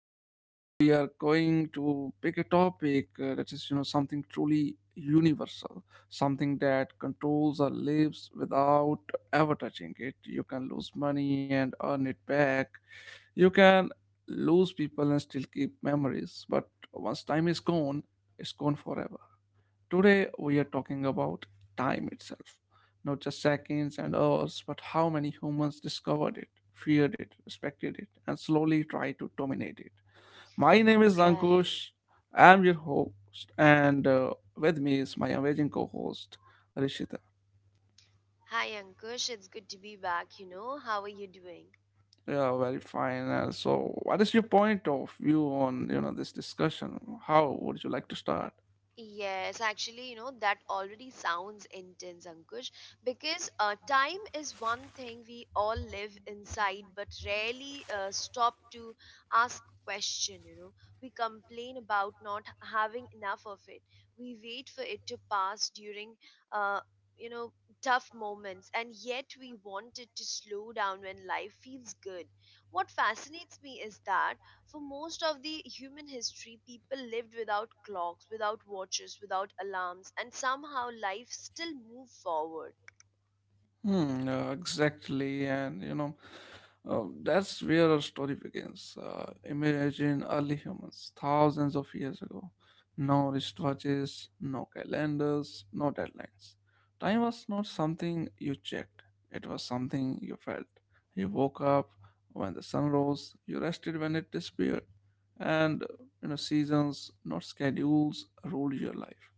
Today we are going to pick a topic that is, you know, something truly universal, something that controls our lives without ever touching it. You can lose money and earn it back. You can lose people and still keep memories, but once time is gone, it's gone forever. Today we are talking about time itself. Not just seconds and hours, but how many humans discovered it, feared it, respected it, and slowly tried to dominate it. My name is Right. Ankush. I'm your host, and with me is my amazing co host, Rishita. Hi, Ankush. It's good to be back. How are you doing? Yeah, very fine. So, what is your point of view on you know this discussion? How would you like to start? Yes, actually, that already sounds intense, Ankush, because time is one thing we all live inside but rarely stop to ask question. We complain about not having enough of it. We wait for it to pass during uh, you know, tough moments, and yet we want it to slow down when life feels good. What fascinates me is that for most of the human history, people lived without clocks, without watches, without alarms, and somehow life still moved forward. Hmm, exactly, and you know, that's where our story begins. Imagine early humans, thousands of years ago. No wristwatches, no calendars, no deadlines. Time was not something you checked, it was something you felt. You woke up when the sun rose, you rested when it disappeared, and you know, seasons, not schedules, ruled your life.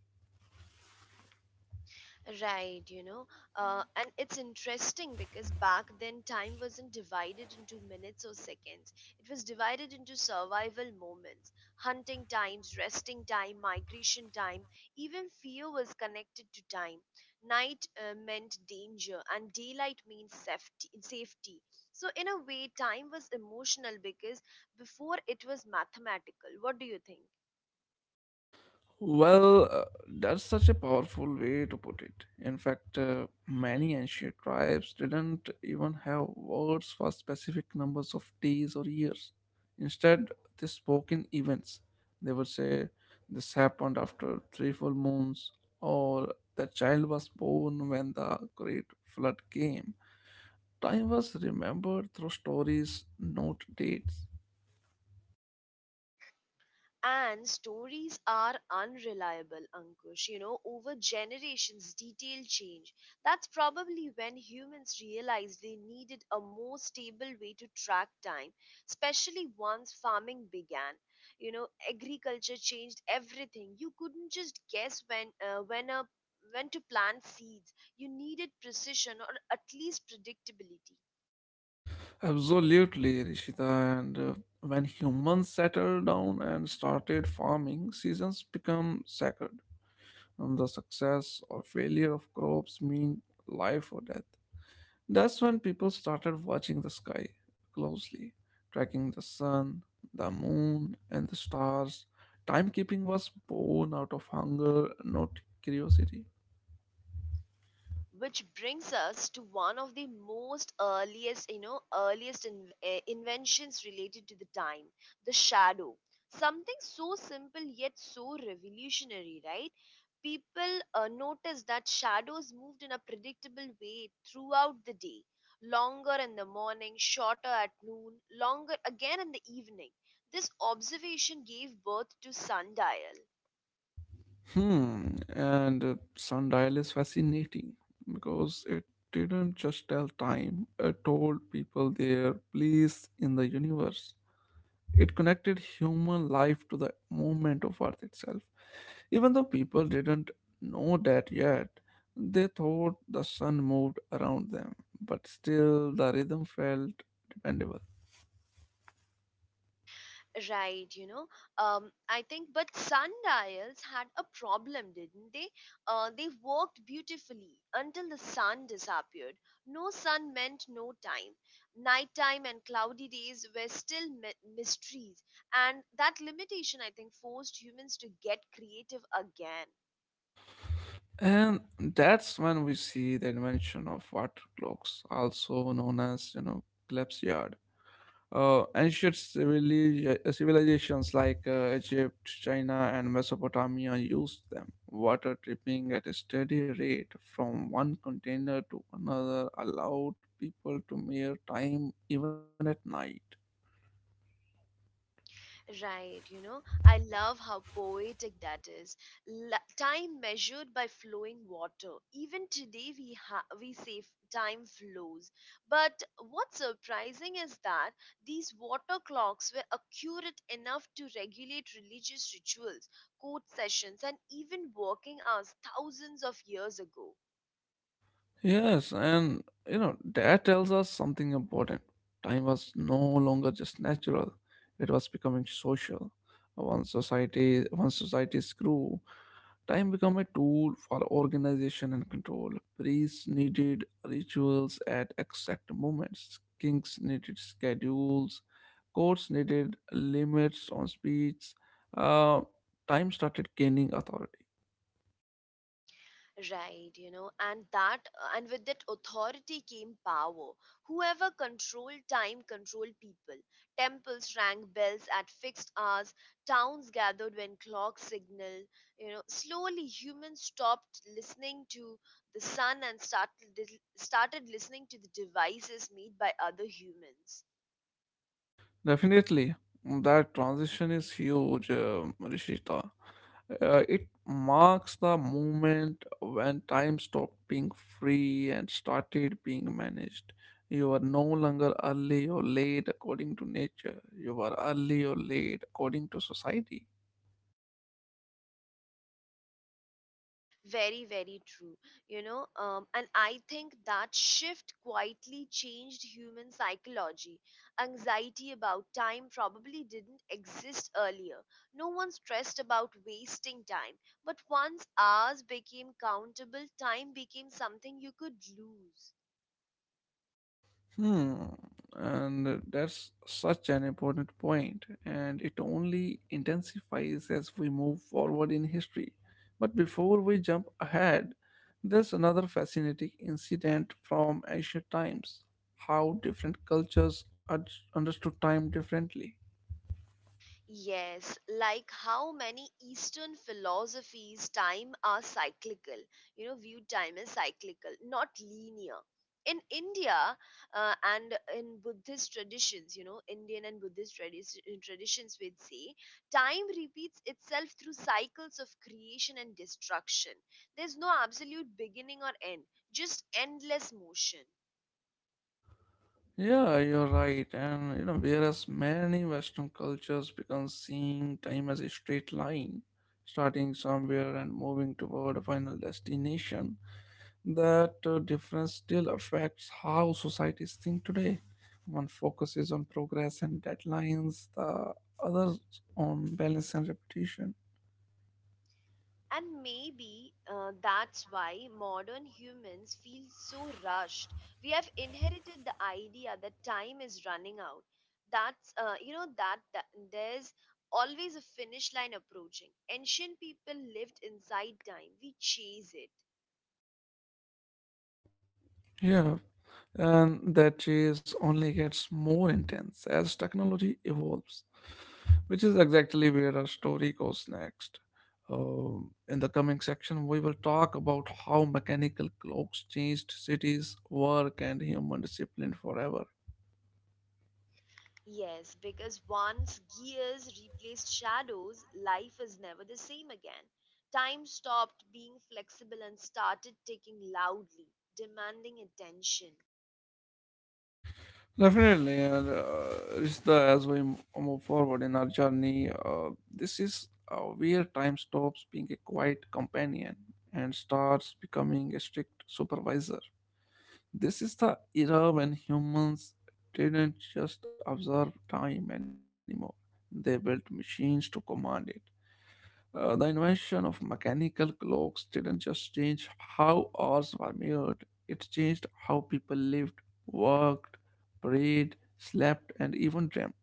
Right, and it's interesting because back then time wasn't divided into minutes or seconds. It was divided into survival moments, hunting times, resting time, migration time. Even fear was connected to time. Night meant danger, and daylight means safety. Safety. So in a way, time was emotional because before it was mathematical. What do you think? Well, that's such a powerful way to put it. In fact, many ancient tribes didn't even have words for specific numbers of days or years. Instead, they spoke in events. They would say, this happened after three full moons, or the child was born when the great flood came. Time was remembered through stories, not dates. And stories are unreliable, Ankush. Over generations, detail change. That's probably when humans realized they needed a more stable way to track time, especially once farming began. Agriculture changed everything. You couldn't just guess when to plant seeds. You needed precision or at least predictability. Absolutely, Rishita. And when humans settled down and started farming, seasons become sacred. And the success or failure of crops mean life or death. That's when people started watching the sky closely, tracking the sun, the moon, and the stars. Timekeeping was born out of hunger, not curiosity. Which brings us to one of the most earliest, inventions related to the time, the shadow. Something so simple yet so revolutionary, right? People noticed that shadows moved in a predictable way throughout the day, longer in the morning, shorter at noon, longer again in the evening. This observation gave birth to sundial. Hmm, and sundial is fascinating because it didn't just tell time, it told people their place in the universe. It connected human life to the movement of Earth itself. Even though people didn't know that yet, they thought the sun moved around them, but still the rhythm felt dependable. Right. I think, but sundials had a problem, didn't they? They worked beautifully until the sun disappeared. No sun meant no time. Nighttime and cloudy days were still mysteries, and that limitation, I think, forced humans to get creative again. And that's when we see the invention of water clocks, also known as, you know, Clepsyard. Ancient civilizations like Egypt, China, and Mesopotamia used them, water dripping at a steady rate from one container to another allowed people to mere time even at night. Right, I love how poetic that is. Time measured by flowing water. Even today, we say time flows, but what's surprising is that these water clocks were accurate enough to regulate religious rituals, court sessions, and even working hours thousands of years ago. Yes, and you know, that tells us something important. Time was no longer just natural, it was becoming social. Once societies grew, time became a tool for organization and control. Priests needed rituals at exact moments, kings needed schedules, courts needed limits on speech. Uh, time started gaining authority. Right. And with that authority came power. Whoever controlled time controlled people. Temples rang bells at fixed hours, towns gathered when clocks signaled. Slowly humans stopped listening to the sun and started started listening to the devices made by other humans. Definitely, that transition is huge, Rishita. It marks the moment when time stopped being free and started being managed. You are no longer early or late according to nature. You are early or late according to society. Very, very true. And I think that shift quietly changed human psychology. Anxiety about time probably didn't exist earlier. No one stressed about wasting time. But once hours became countable, time became something you could lose. Hmm, and that's such an important point, and it only intensifies as we move forward in history. But before we jump ahead, there's another fascinating incident from ancient times how different cultures understood time differently. Yes, like how many Eastern philosophies time are cyclical, viewed time as cyclical, not linear. In India, and in Buddhist traditions, Indian and Buddhist traditions, we'd say, time repeats itself through cycles of creation and destruction. There's no absolute beginning or end, just endless motion. Yeah, you're right, and you know, whereas many Western cultures began seeing time as a straight line, starting somewhere and moving toward a final destination. That difference still affects how societies think today. One focuses on progress and deadlines, the others on balance and repetition. And maybe that's why modern humans feel so rushed. We have inherited the idea that time is running out. That's, you know, that, that there's always a finish line approaching. Ancient people lived inside time, we chase it. Yeah, and that chase only gets more intense as technology evolves, which is exactly where our story goes next. In the coming section, we will talk about how mechanical clocks changed cities, work, and human discipline forever. Yes, because once gears replaced shadows, life is never the same again. Time stopped being flexible and started ticking loudly, demanding attention. Definitely, and Rishta, as we move forward in our journey, this is where time stops being a quiet companion and starts becoming a strict supervisor. This is the era when humans didn't just observe time anymore, they built machines to command it. The invention of mechanical clocks didn't just change how hours were measured, it changed how people lived, worked, prayed, slept, and even dreamt.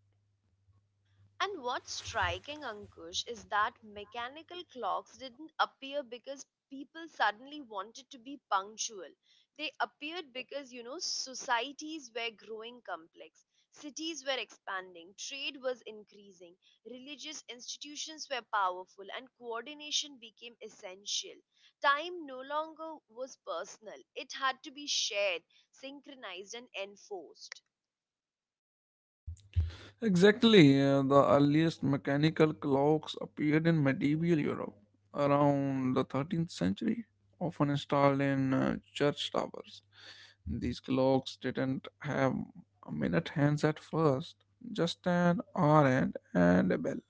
And what's striking, Ankush, is that mechanical clocks didn't appear because people suddenly wanted to be punctual. They appeared because, societies were growing complex, cities were expanding, trade was increasing, religious institutions were powerful, and coordination became essential. Time no longer was personal, it had to be shared, synchronized, and enforced. Exactly, the earliest mechanical clocks appeared in medieval Europe around the 13th century, often installed in church towers. These clocks didn't have minute hands at first, just an hour hand and a bell.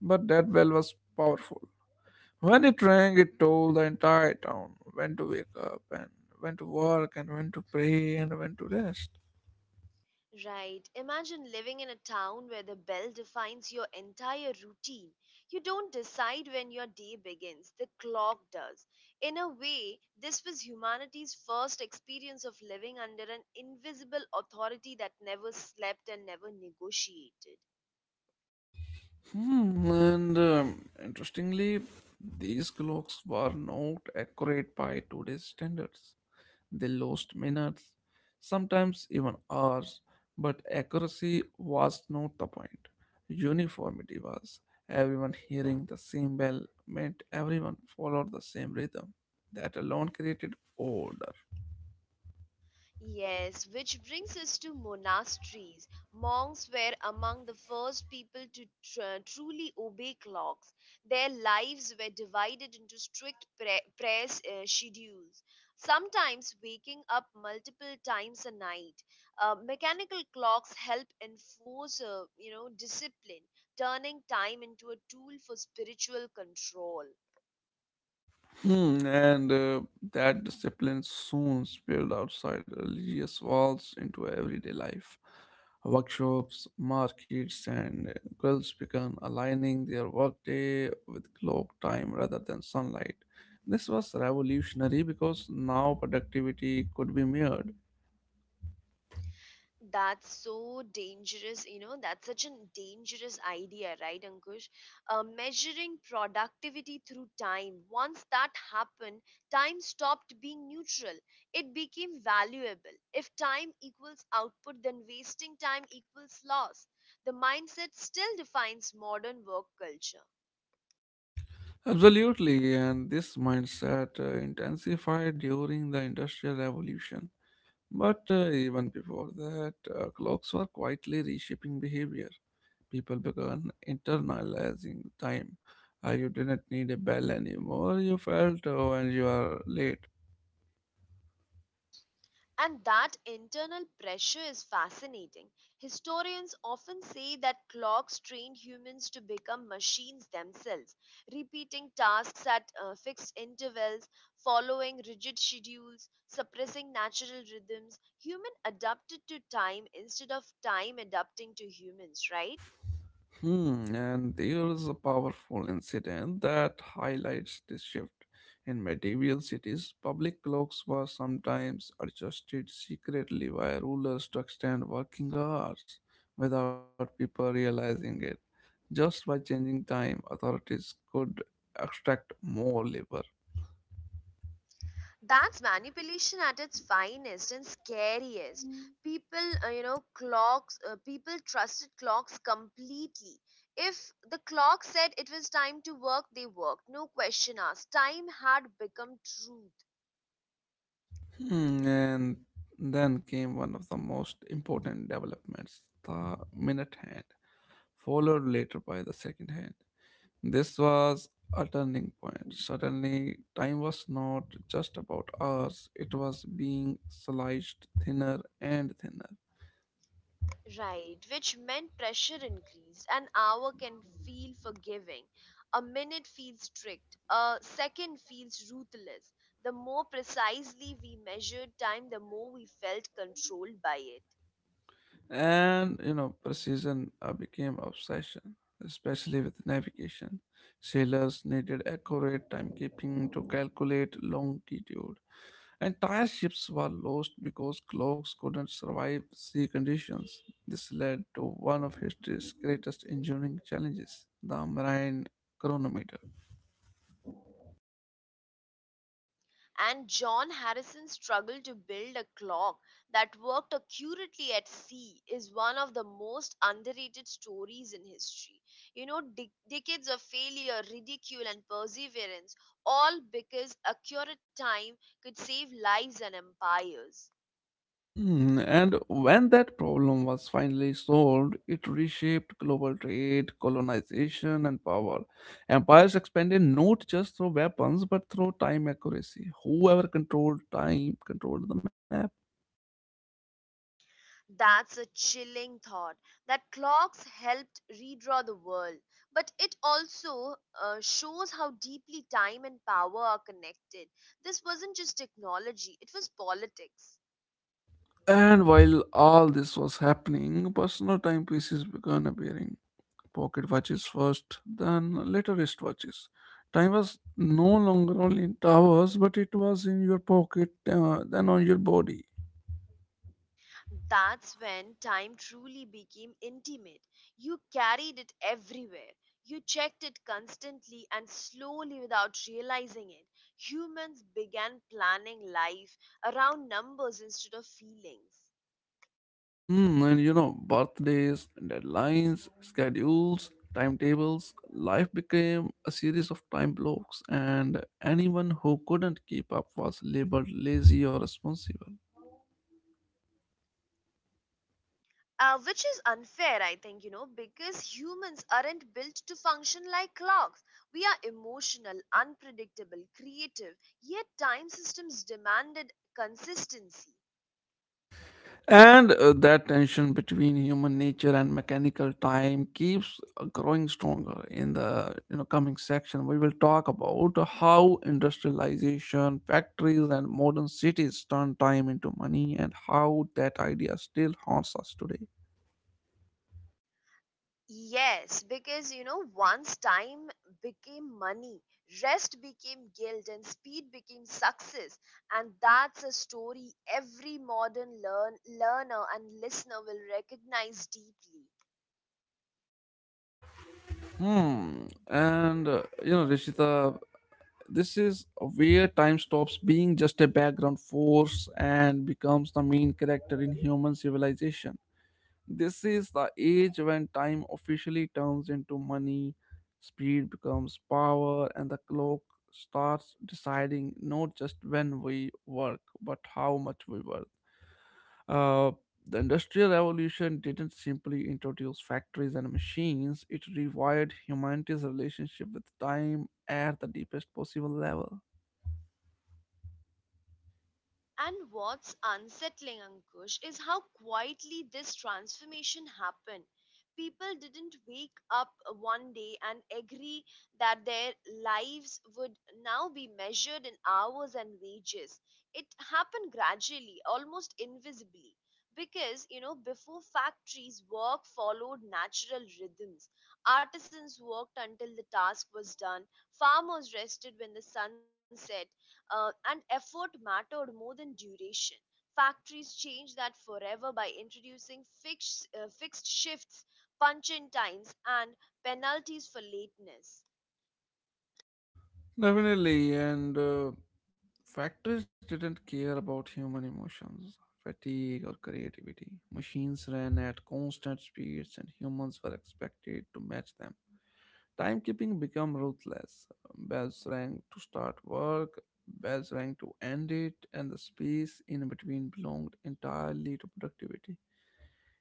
But that bell was powerful. When it rang, it told the entire town when to wake up and when to work and when to pray and when to rest. Right. Imagine living in a town where the bell defines your entire routine. You don't decide when your day begins, the clock does. In a way, this was humanity's first experience of living under an invisible authority that never slept and never negotiated. Hmm, and interestingly, these clocks were not accurate by today's standards. They lost minutes, sometimes even hours, but accuracy was not the point. Uniformity was. Everyone hearing the same bell meant everyone followed the same rhythm. That alone created order. Yes, which brings us to monasteries. Monks were among the first people to truly obey clocks. Their lives were divided into strict prayer schedules, sometimes waking up multiple times a night. Mechanical clocks help enforce discipline, turning time into a tool for spiritual control. Hmm, and that discipline soon spilled outside religious walls into everyday life. Workshops, markets, and guilds began aligning their workday with clock time rather than sunlight. This was revolutionary because now productivity could be measured. That's so dangerous. That's such a dangerous idea, right, Ankush? Measuring productivity through time. Once that happened, time stopped being neutral. It became valuable. If time equals output, then wasting time equals loss. The mindset still defines modern work culture. Absolutely, and this mindset intensified during the Industrial Revolution. But even before that, clocks were quietly reshaping behavior. People began internalizing time. You didn't need a bell anymore. You felt when you are late. And that internal pressure is fascinating. Historians often say that clocks train humans to become machines themselves, repeating tasks at fixed intervals, following rigid schedules, suppressing natural rhythms. Human adapted to time instead of time adapting to humans, right? Hmm. And there is a powerful incident that highlights this shift. In medieval cities, public clocks were sometimes adjusted secretly by rulers to extend working hours without people realizing it. Just by changing time, authorities could extract more labor. That's manipulation at its finest and scariest. People trusted clocks completely. If the clock said it was time to work, they worked. No question asked. Time had become truth. Hmm, and then came one of the most important developments, the minute hand, followed later by the second hand. This was a turning point. Suddenly, time was not just about hours, it was being sliced thinner and thinner. Right, which meant pressure increased. An hour can feel forgiving. A minute feels strict. A second feels ruthless. The more precisely we measured time, the more we felt controlled by it. And you know, precision became obsession, especially with navigation. Sailors needed accurate timekeeping to calculate longitude. Entire ships were lost because clocks couldn't survive sea conditions. This led to one of history's greatest engineering challenges, the marine chronometer. And John Harrison's struggle to build a clock that worked accurately at sea is one of the most underrated stories in history. Decades of failure, ridicule, and perseverance, all because accurate time could save lives and empires. Hmm, and when that problem was finally solved, it reshaped global trade, colonization, and power. Empires expanded not just through weapons but through time accuracy. Whoever controlled time controlled the map. That's a chilling thought that clocks helped redraw the world, but it also shows how deeply time and power are connected. This wasn't just technology, it was politics. And while all this was happening, personal timepieces began appearing. Pocket watches first, then later wristwatches. Time was no longer only in towers, but it was in your pocket, then on your body. That's when time truly became intimate. You carried it everywhere, you checked it constantly and slowly without realizing it. Humans began planning life around numbers instead of feelings. Hmm, and you know, birthdays, deadlines, schedules, timetables, life became a series of time blocks, and anyone who couldn't keep up was labeled lazy or responsible. Which is unfair, I think, because humans aren't built to function like clocks. We are emotional, unpredictable, creative, yet time systems demanded consistency. And that tension between human nature and mechanical time keeps growing stronger. In the you know coming section, we will talk about how industrialization, factories, and modern cities turn time into money, and how that idea still haunts us today. Yes, because once time became money, rest became guilt, and speed became success. And that's a story every modern learner and listener will recognize deeply. Hmm. And you know, Rishita, this is where time stops being just a background force and becomes the main character in human civilization. This is the age when time officially turns into money, speed becomes power, and the clock starts deciding not just when we work, but how much we work. Uh, the Industrial Revolution didn't simply introduce factories and machines, it rewired humanity's relationship with time at the deepest possible level. And what's unsettling, Ankush, is how quietly this transformation happened. People didn't wake up one day and agree that their lives would now be measured in hours and wages. It happened gradually, almost invisibly. Because, before factories, work followed natural rhythms. Artisans worked until the task was done. Farmers rested when the sun set, and effort mattered more than duration. Factories changed that forever by introducing fixed shifts, punch in times, and penalties for lateness. Definitely, and factories didn't care about human emotions, fatigue, or creativity. Machines ran at constant speeds, and humans were expected to match them. Timekeeping became ruthless. Bells rang to start work, bells rang to end it, and the space in between belonged entirely to productivity.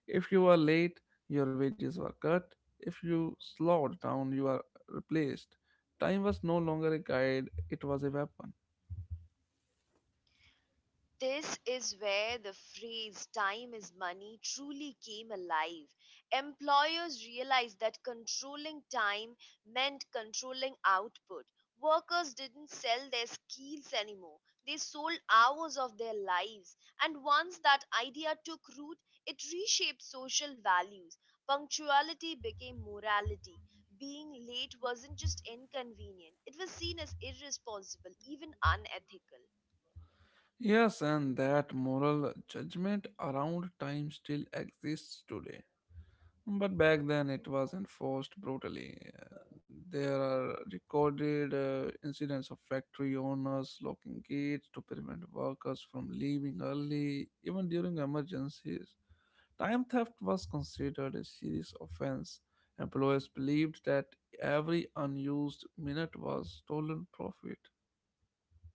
If you are late, your wages were cut. If you slowed down, you are replaced. Time was no longer a guide, it was a weapon. This is where the phrase time is money truly came alive. Employers realized that controlling time meant controlling output. Workers didn't sell their skills anymore, they sold hours of their lives. And once that idea took root, it reshaped social values. Punctuality became morality. Being late wasn't just inconvenient, it was seen as irresponsible, even unethical. Yes, and that moral judgment around time still exists today. But back then it was enforced brutally. There are recorded incidents of factory owners locking gates to prevent workers from leaving early, even during emergencies. Time theft was considered a serious offense. Employers believed that every unused minute was stolen profit.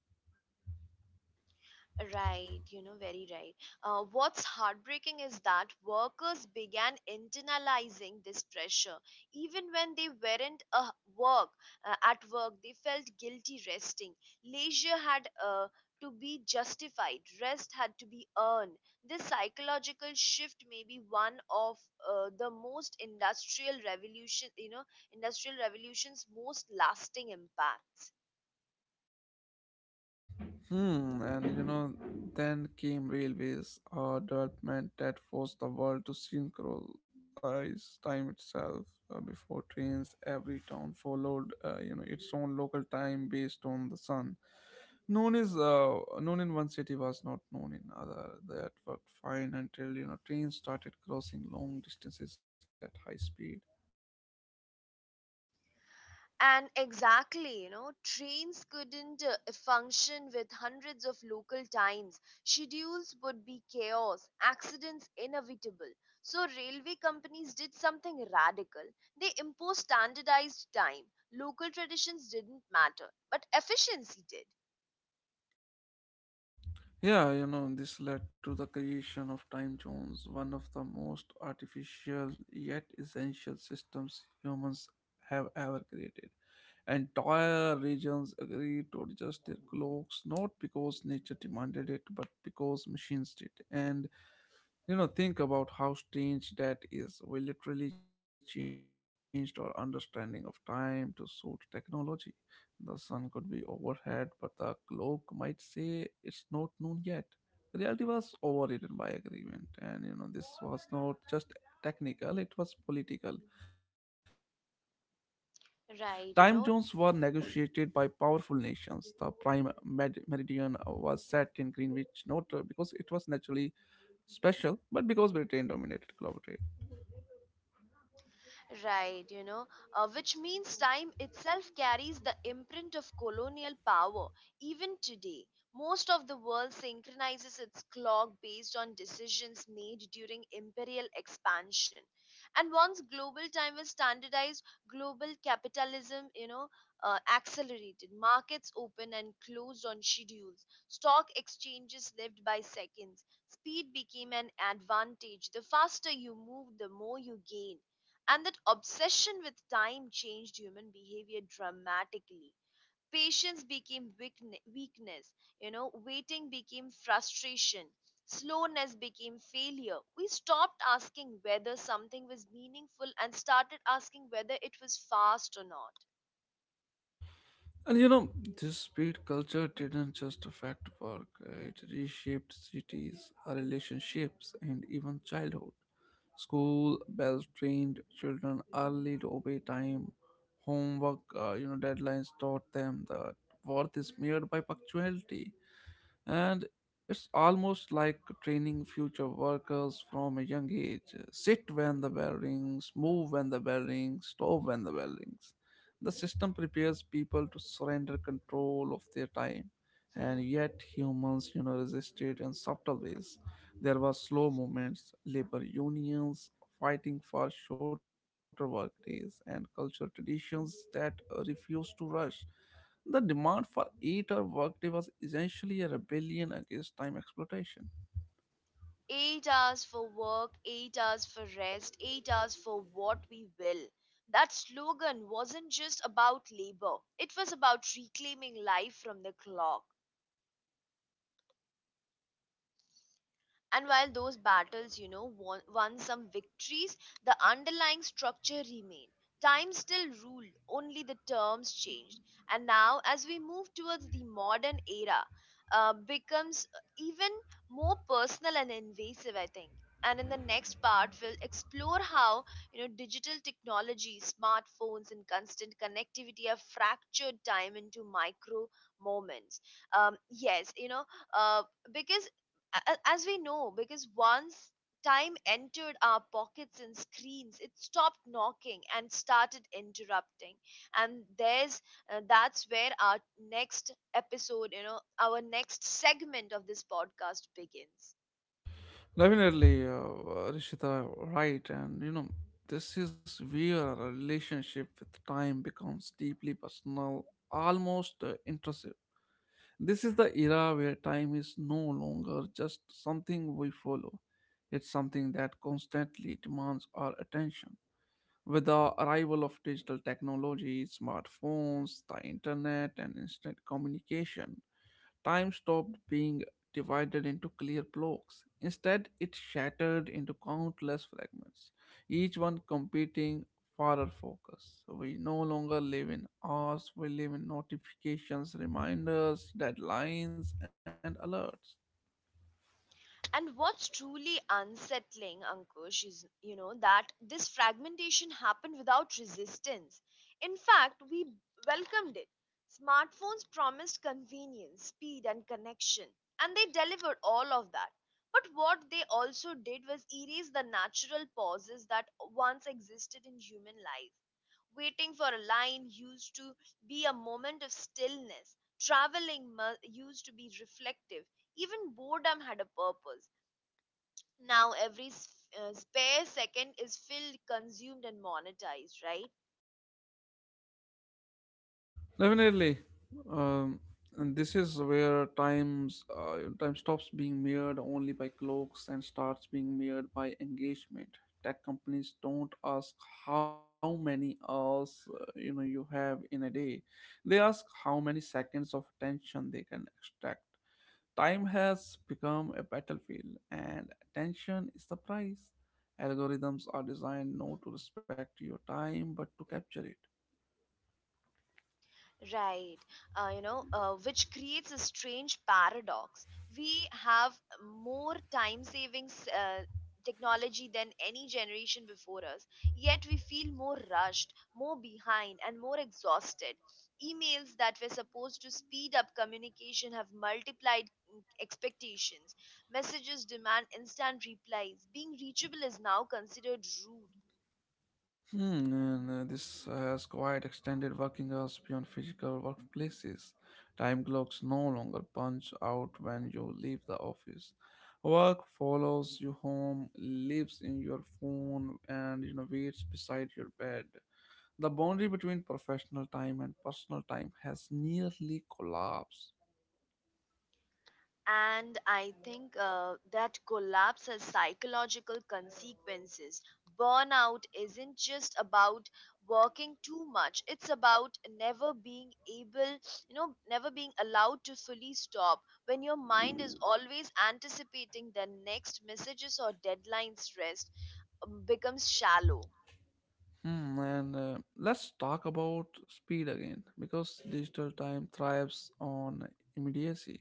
Right, very right. What's heartbreaking is that workers began internalizing this pressure. Even when they weren't work at work, they felt guilty resting. Leisure had to be justified. Rest had to be earned. This psychological shift may be one of the most industrial revolution, you know, industrial revolution's most lasting impacts. Hmm, and you know, then came railways, a development that forced the world to synchronize time itself. Before trains, every town followed, you know, its own local time based on the sun. Known in one city was not known in other. That worked fine until you know trains started crossing long distances at high speed. And exactly, trains couldn't function with hundreds of local times. Schedules would be chaos, accidents inevitable. So, railway companies did something radical. They imposed standardized time. Local traditions didn't matter, but efficiency did. Yeah, you know, this led to the creation of time zones, one of the most artificial yet essential systems humans have ever created. Entire regions agreed to adjust their clocks not because nature demanded it, but because machines did. And you know, think about how strange that is. We literally changed our understanding of time to suit technology. The sun could be overhead, but the clock might say it's not noon yet. Reality was overridden by agreement, and you know, this was not just technical, it was political. Right. Time zones were negotiated by powerful nations. The prime meridian was set in Greenwich, not because it was naturally special, but because Britain dominated global trade. Right. Which means time itself carries the imprint of colonial power. Even today, most of the world synchronizes its clock based on decisions made during imperial expansion. And once global time was standardized, global capitalism, accelerated. Markets opened and closed on schedules. Stock exchanges lived by seconds. Speed became an advantage. The faster you move, the more you gain, and that obsession with time changed human behavior dramatically. Patience became weakness, waiting became frustration, slowness became failure. We stopped asking whether something was meaningful and started asking whether it was fast or not. And you know, this speed culture didn't just affect work, it reshaped cities, relationships, and even childhood. School bells trained children early to obey time. Homework, deadlines taught them that worth is measured by punctuality. And it's almost like training future workers from a young age. Sit when the bell rings, move when the bell rings, stop when the bell rings. The system prepares people to surrender control of their time, and Mhm. yet humans, resisted in subtle ways. There were slow movements, labor unions fighting for shorter work days, and cultural traditions that refused to rush. The demand for 8-hour workday was essentially a rebellion against time exploitation. 8 hours for work, 8 hours for rest, 8 hours for what we will. That slogan wasn't just about labor, it was about reclaiming life from the clock. And while those battles, won some victories, the underlying structure remained. Time still ruled, only the terms changed. And now, as we move towards the modern era, becomes even more personal and invasive, I think. And in the next part, we'll explore how digital technology, smartphones, and constant connectivity have fractured time into micro moments. Yes, uh, because as we know, because once time entered our pockets and screens, it stopped knocking and started interrupting. And there's That's where our next our next segment of this podcast begins. Definitely, Rishita, right. This is where a relationship with time becomes deeply personal, almost intrusive. This is the era where time is no longer just something we follow, it's something that constantly demands our attention. With the arrival of digital technology, smartphones, the internet, and instant communication, time stopped being divided into clear blocks. Instead, it shattered into countless fragments, each one competing for our focus. We no longer live in hours, we live in notifications, reminders, deadlines, and alerts. And what's truly unsettling, Ankush, is that this fragmentation happened without resistance. In fact, we welcomed it. Smartphones promised convenience, speed, and connection, and they delivered all of that. But what they also did was erase the natural pauses that once existed in human life. Waiting for a line used to be a moment of stillness. Used to be reflective. Even boredom had a purpose now every spare second is filled consumed and monetized, right? Definitely. Um, and this is where time stops being measured only by clocks and starts being measured by engagement. Tech companies don't ask how many hours you have in a day; they ask how many seconds of attention they can extract. Time has become a battlefield, and attention is the price. Algorithms are designed not to respect your time but to capture it. Right. Which creates a strange paradox. We have more time savings technology than any generation before us, yet we feel more rushed, more behind, and more exhausted. Emails that were supposed to speed up communication have multiplied expectations. Messages demand instant replies. Being reachable is now considered rude. Hmm. And uh, this has quite extended working hours beyond physical workplaces. Time clocks no longer punch out when you leave the office. Work follows you home, lives in your phone, and waits beside your bed. The boundary between professional time and personal time has nearly collapsed. And I think that collapse has psychological consequences. Burnout isn't just about working too much, it's about never being never being allowed to fully stop when your mind is always anticipating the next messages or deadline stress becomes shallow. Hmm. And uh, let's talk about speed again because digital time thrives on immediacy.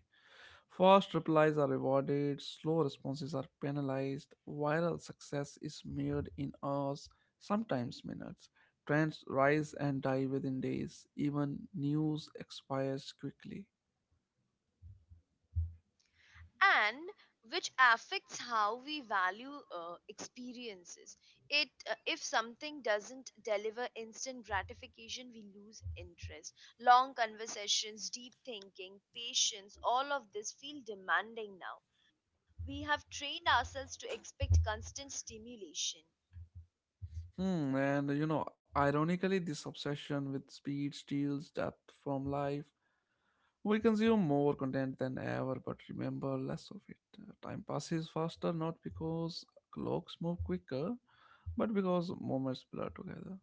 Fast replies are rewarded, slow responses are penalized, viral success is measured in hours, sometimes minutes. Trends rise and die within days, even news expires quickly. And which affects how we value experiences. It If something doesn't deliver instant gratification, we lose interest. Long conversations, deep thinking, patience, all of this feel demanding now. We have trained ourselves to expect constant stimulation. Hmm, and you know, ironically, this obsession with speed steals depth from life. We consume more content than ever, but remember less of it. Time passes faster not because clocks move quicker, but because moments blur together.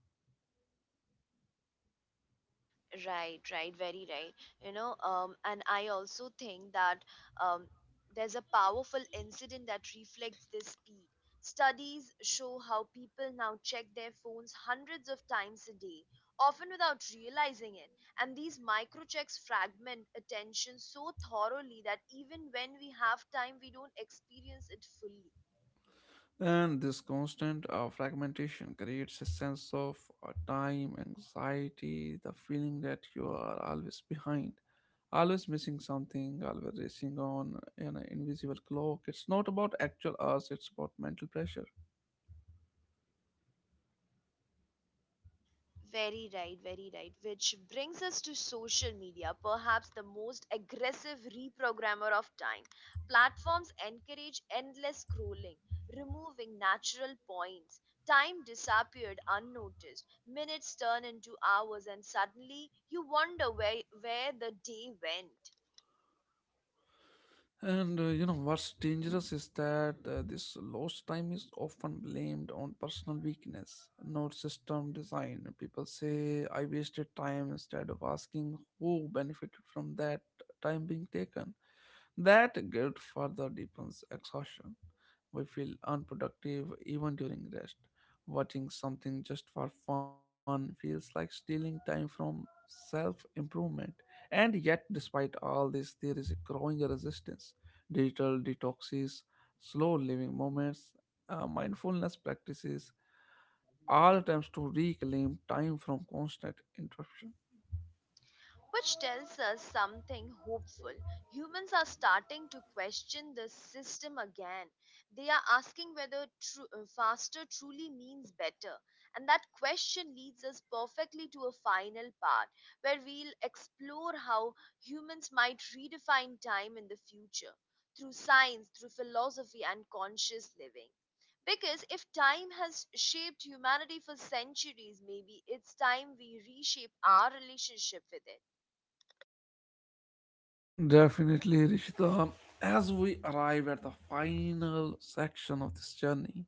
Right, right, very right. And I also think that um, there's a powerful incident that reflects this speed. Studies show how people now check their phones hundreds of times a day, often without realizing it. And these microchecks fragment attention so thoroughly that even when we have time, we don't experience it fully. And this constant fragmentation creates a sense of time anxiety, the feeling that you are always behind, always missing something, always racing on an invisible clock. It's not about actual hours, it's about mental pressure. Very right, very right. Which brings us to social media, perhaps the most aggressive reprogrammer of time. Platforms encourage endless scrolling, removing natural points. Time disappeared unnoticed. Minutes turn into hours, and suddenly you wonder where the day went. And you know what's dangerous is that this lost time is often blamed on personal weakness, not system design. People say, I wasted time instead of asking who benefited from that time being taken. That guilt further deepens exhaustion. We feel unproductive even during rest. Watching something just for fun feels like stealing time from self improvement. And yet, despite all this, there is a growing resistance. Digital detoxes, slow living moments, mindfulness practices, all attempts to reclaim time from constant interruption. Which tells us something hopeful. Humans are starting to question the system again. They are asking whether faster truly means better. And that question leads us perfectly to a final part where we'll explore how humans might redefine time in the future through science, through philosophy, and conscious living. Because if time has shaped humanity for centuries, maybe it's time we reshape our relationship with it. Definitely, Rishita. As we arrive at the final section of this journey,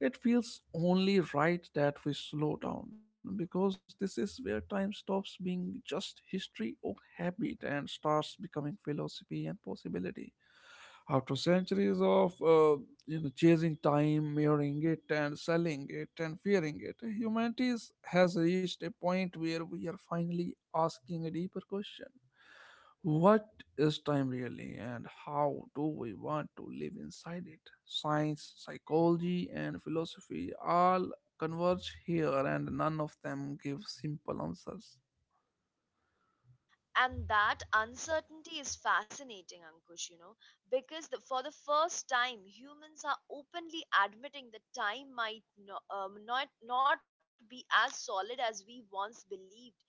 it feels only right that we slow down because this is where time stops being just history or habit and starts becoming philosophy and possibility. After centuries of chasing time, mirroring it and selling it and fearing it, has reached a point where we are finally asking a deeper question: what is time really, and how do we want to live inside it? Science, psychology, and philosophy all converge here, and none of them give simple answers. And that uncertainty is fascinating, Ankush, you know, because for the first time humans are openly admitting that time might not be as solid as we once believed.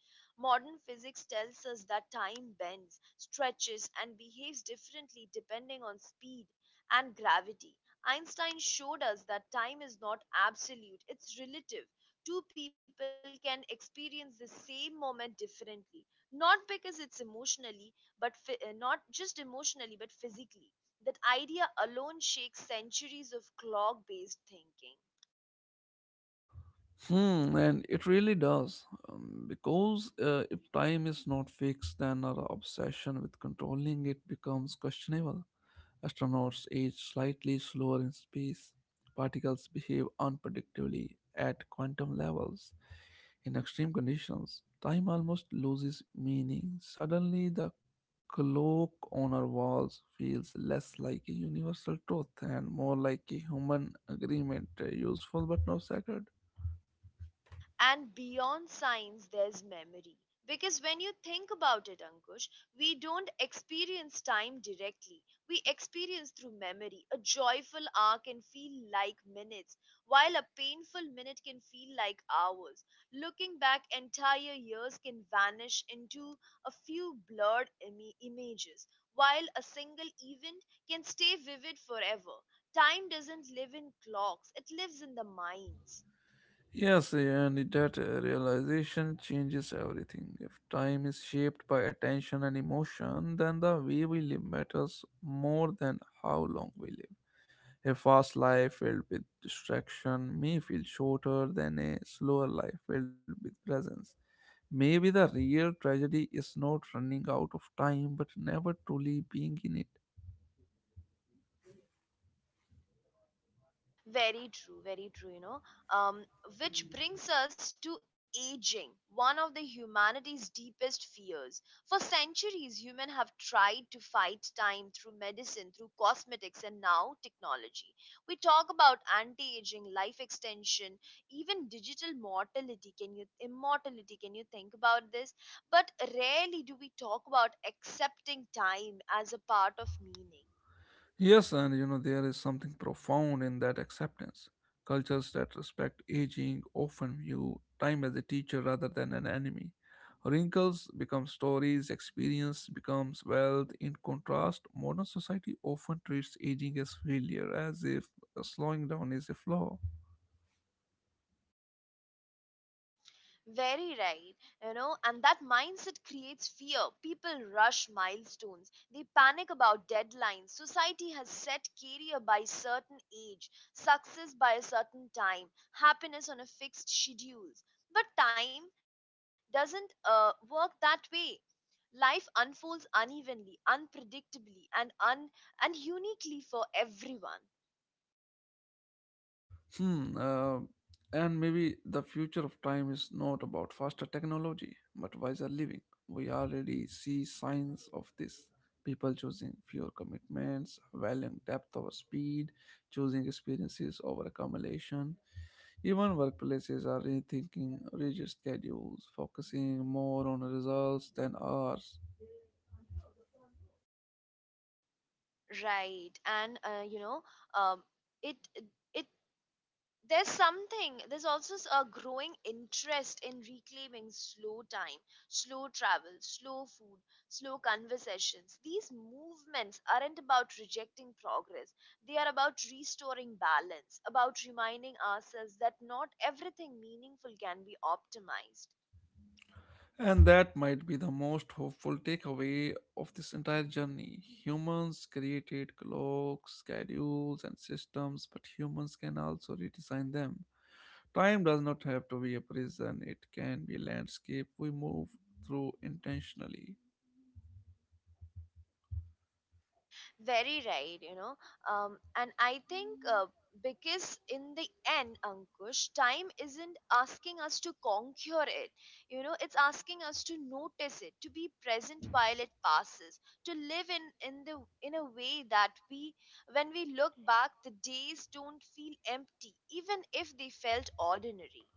Modern physics tells us that time bends, stretches, and behaves differently depending on speed and gravity. Einstein showed us that time is not absolute, it's relative. Two people can experience the same moment differently, not because it's emotionally, but not just emotionally but physically. That idea alone shakes centuries of clock based thinking. Hmm, and it really does. Because if time is not fixed, then our obsession with controlling it becomes questionable. Astronauts age slightly slower in space. Particles behave unpredictably at quantum levels. In extreme conditions, time almost loses meaning. Suddenly, the clock on our walls feels less like a universal truth and more like a human agreement, useful but not sacred. And beyond science, there's memory. Because when you think about it, Ankush, we don't experience time directly. We experience through memory. A joyful hour can feel like minutes, while a painful minute can feel like hours. Looking back, entire years can vanish into a few blurred images, while a single event can stay vivid forever. Time doesn't live in clocks, it lives in the minds. Yes, and that realization changes everything. If time is shaped by attention and emotion, then the way we live matters more than how long we live. A fast life filled with distraction may feel shorter than a slower life filled with presence. Maybe the real tragedy is not running out of time, but never truly being in it. Very true, you know. Um, which brings us to aging, one of the humanity's deepest fears. For centuries, humans have tried to fight time through medicine, through cosmetics, and now technology. We talk about anti aging, life extension, even digital mortality. Can you, immortality? Can you think about this? But rarely do we talk about accepting time as a part of meaning. Yes, and you know, there is something profound in that acceptance. Cultures that respect aging often view time as a teacher rather than an enemy. Wrinkles become stories, experience becomes wealth. In contrast, modern society often treats aging as failure, as if slowing down is a flaw. Very right, you know, and that mindset creates fear. People rush milestones, they panic about deadlines. Society has set career by certain age, success by a certain time, happiness on a fixed schedules. But time doesn't work that way. Life unfolds unevenly, unpredictably, and un and uniquely for everyone. Hmm. And maybe the future of time is not about faster technology, but wiser living. We already see signs of this. People choosing fewer commitments, valuing depth over speed, choosing experiences over accumulation. Even workplaces are rethinking rigid schedules, focusing more on results than hours. Right, and you know, um, it it there's something, a growing interest in reclaiming slow time, slow travel, slow food, slow conversations. These movements aren't about rejecting progress, they are about restoring balance, about reminding ourselves that not everything meaningful can be optimized. And that might be the most hopeful takeaway of this entire journey. Humans created clocks, schedules, and systems, but humans can also redesign them. Time does not have to be a prison, it can be a landscape we move through intentionally. Very right, you know. And I think because in the end, Ankush, time isn't asking us to conquer it. You know, it's asking us to notice it, to be present while it passes, to live in a way that we, when we look back, the days don't feel empty, even if they felt ordinary.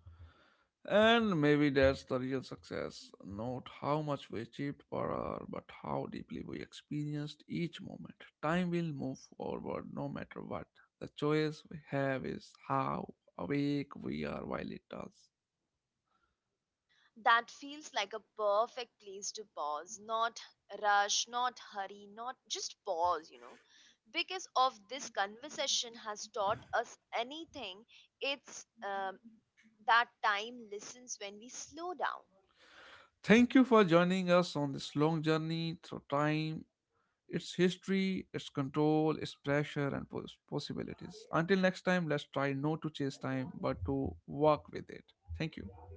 And maybe that's the real success. Not how much we achieved per hour, but how deeply we experienced each moment. Time will move forward no matter what. The choice we have is how awake we are while it does. That feels like a perfect place to pause, not rush, not hurry, not just pause, you know. Because of this conversation has taught us anything, it's that time listens when we slow down. Thank you for joining us on this long journey through time, its history, its control, its pressure, and possibilities. Until next time, let's try not to chase time, but to walk with it. Thank you.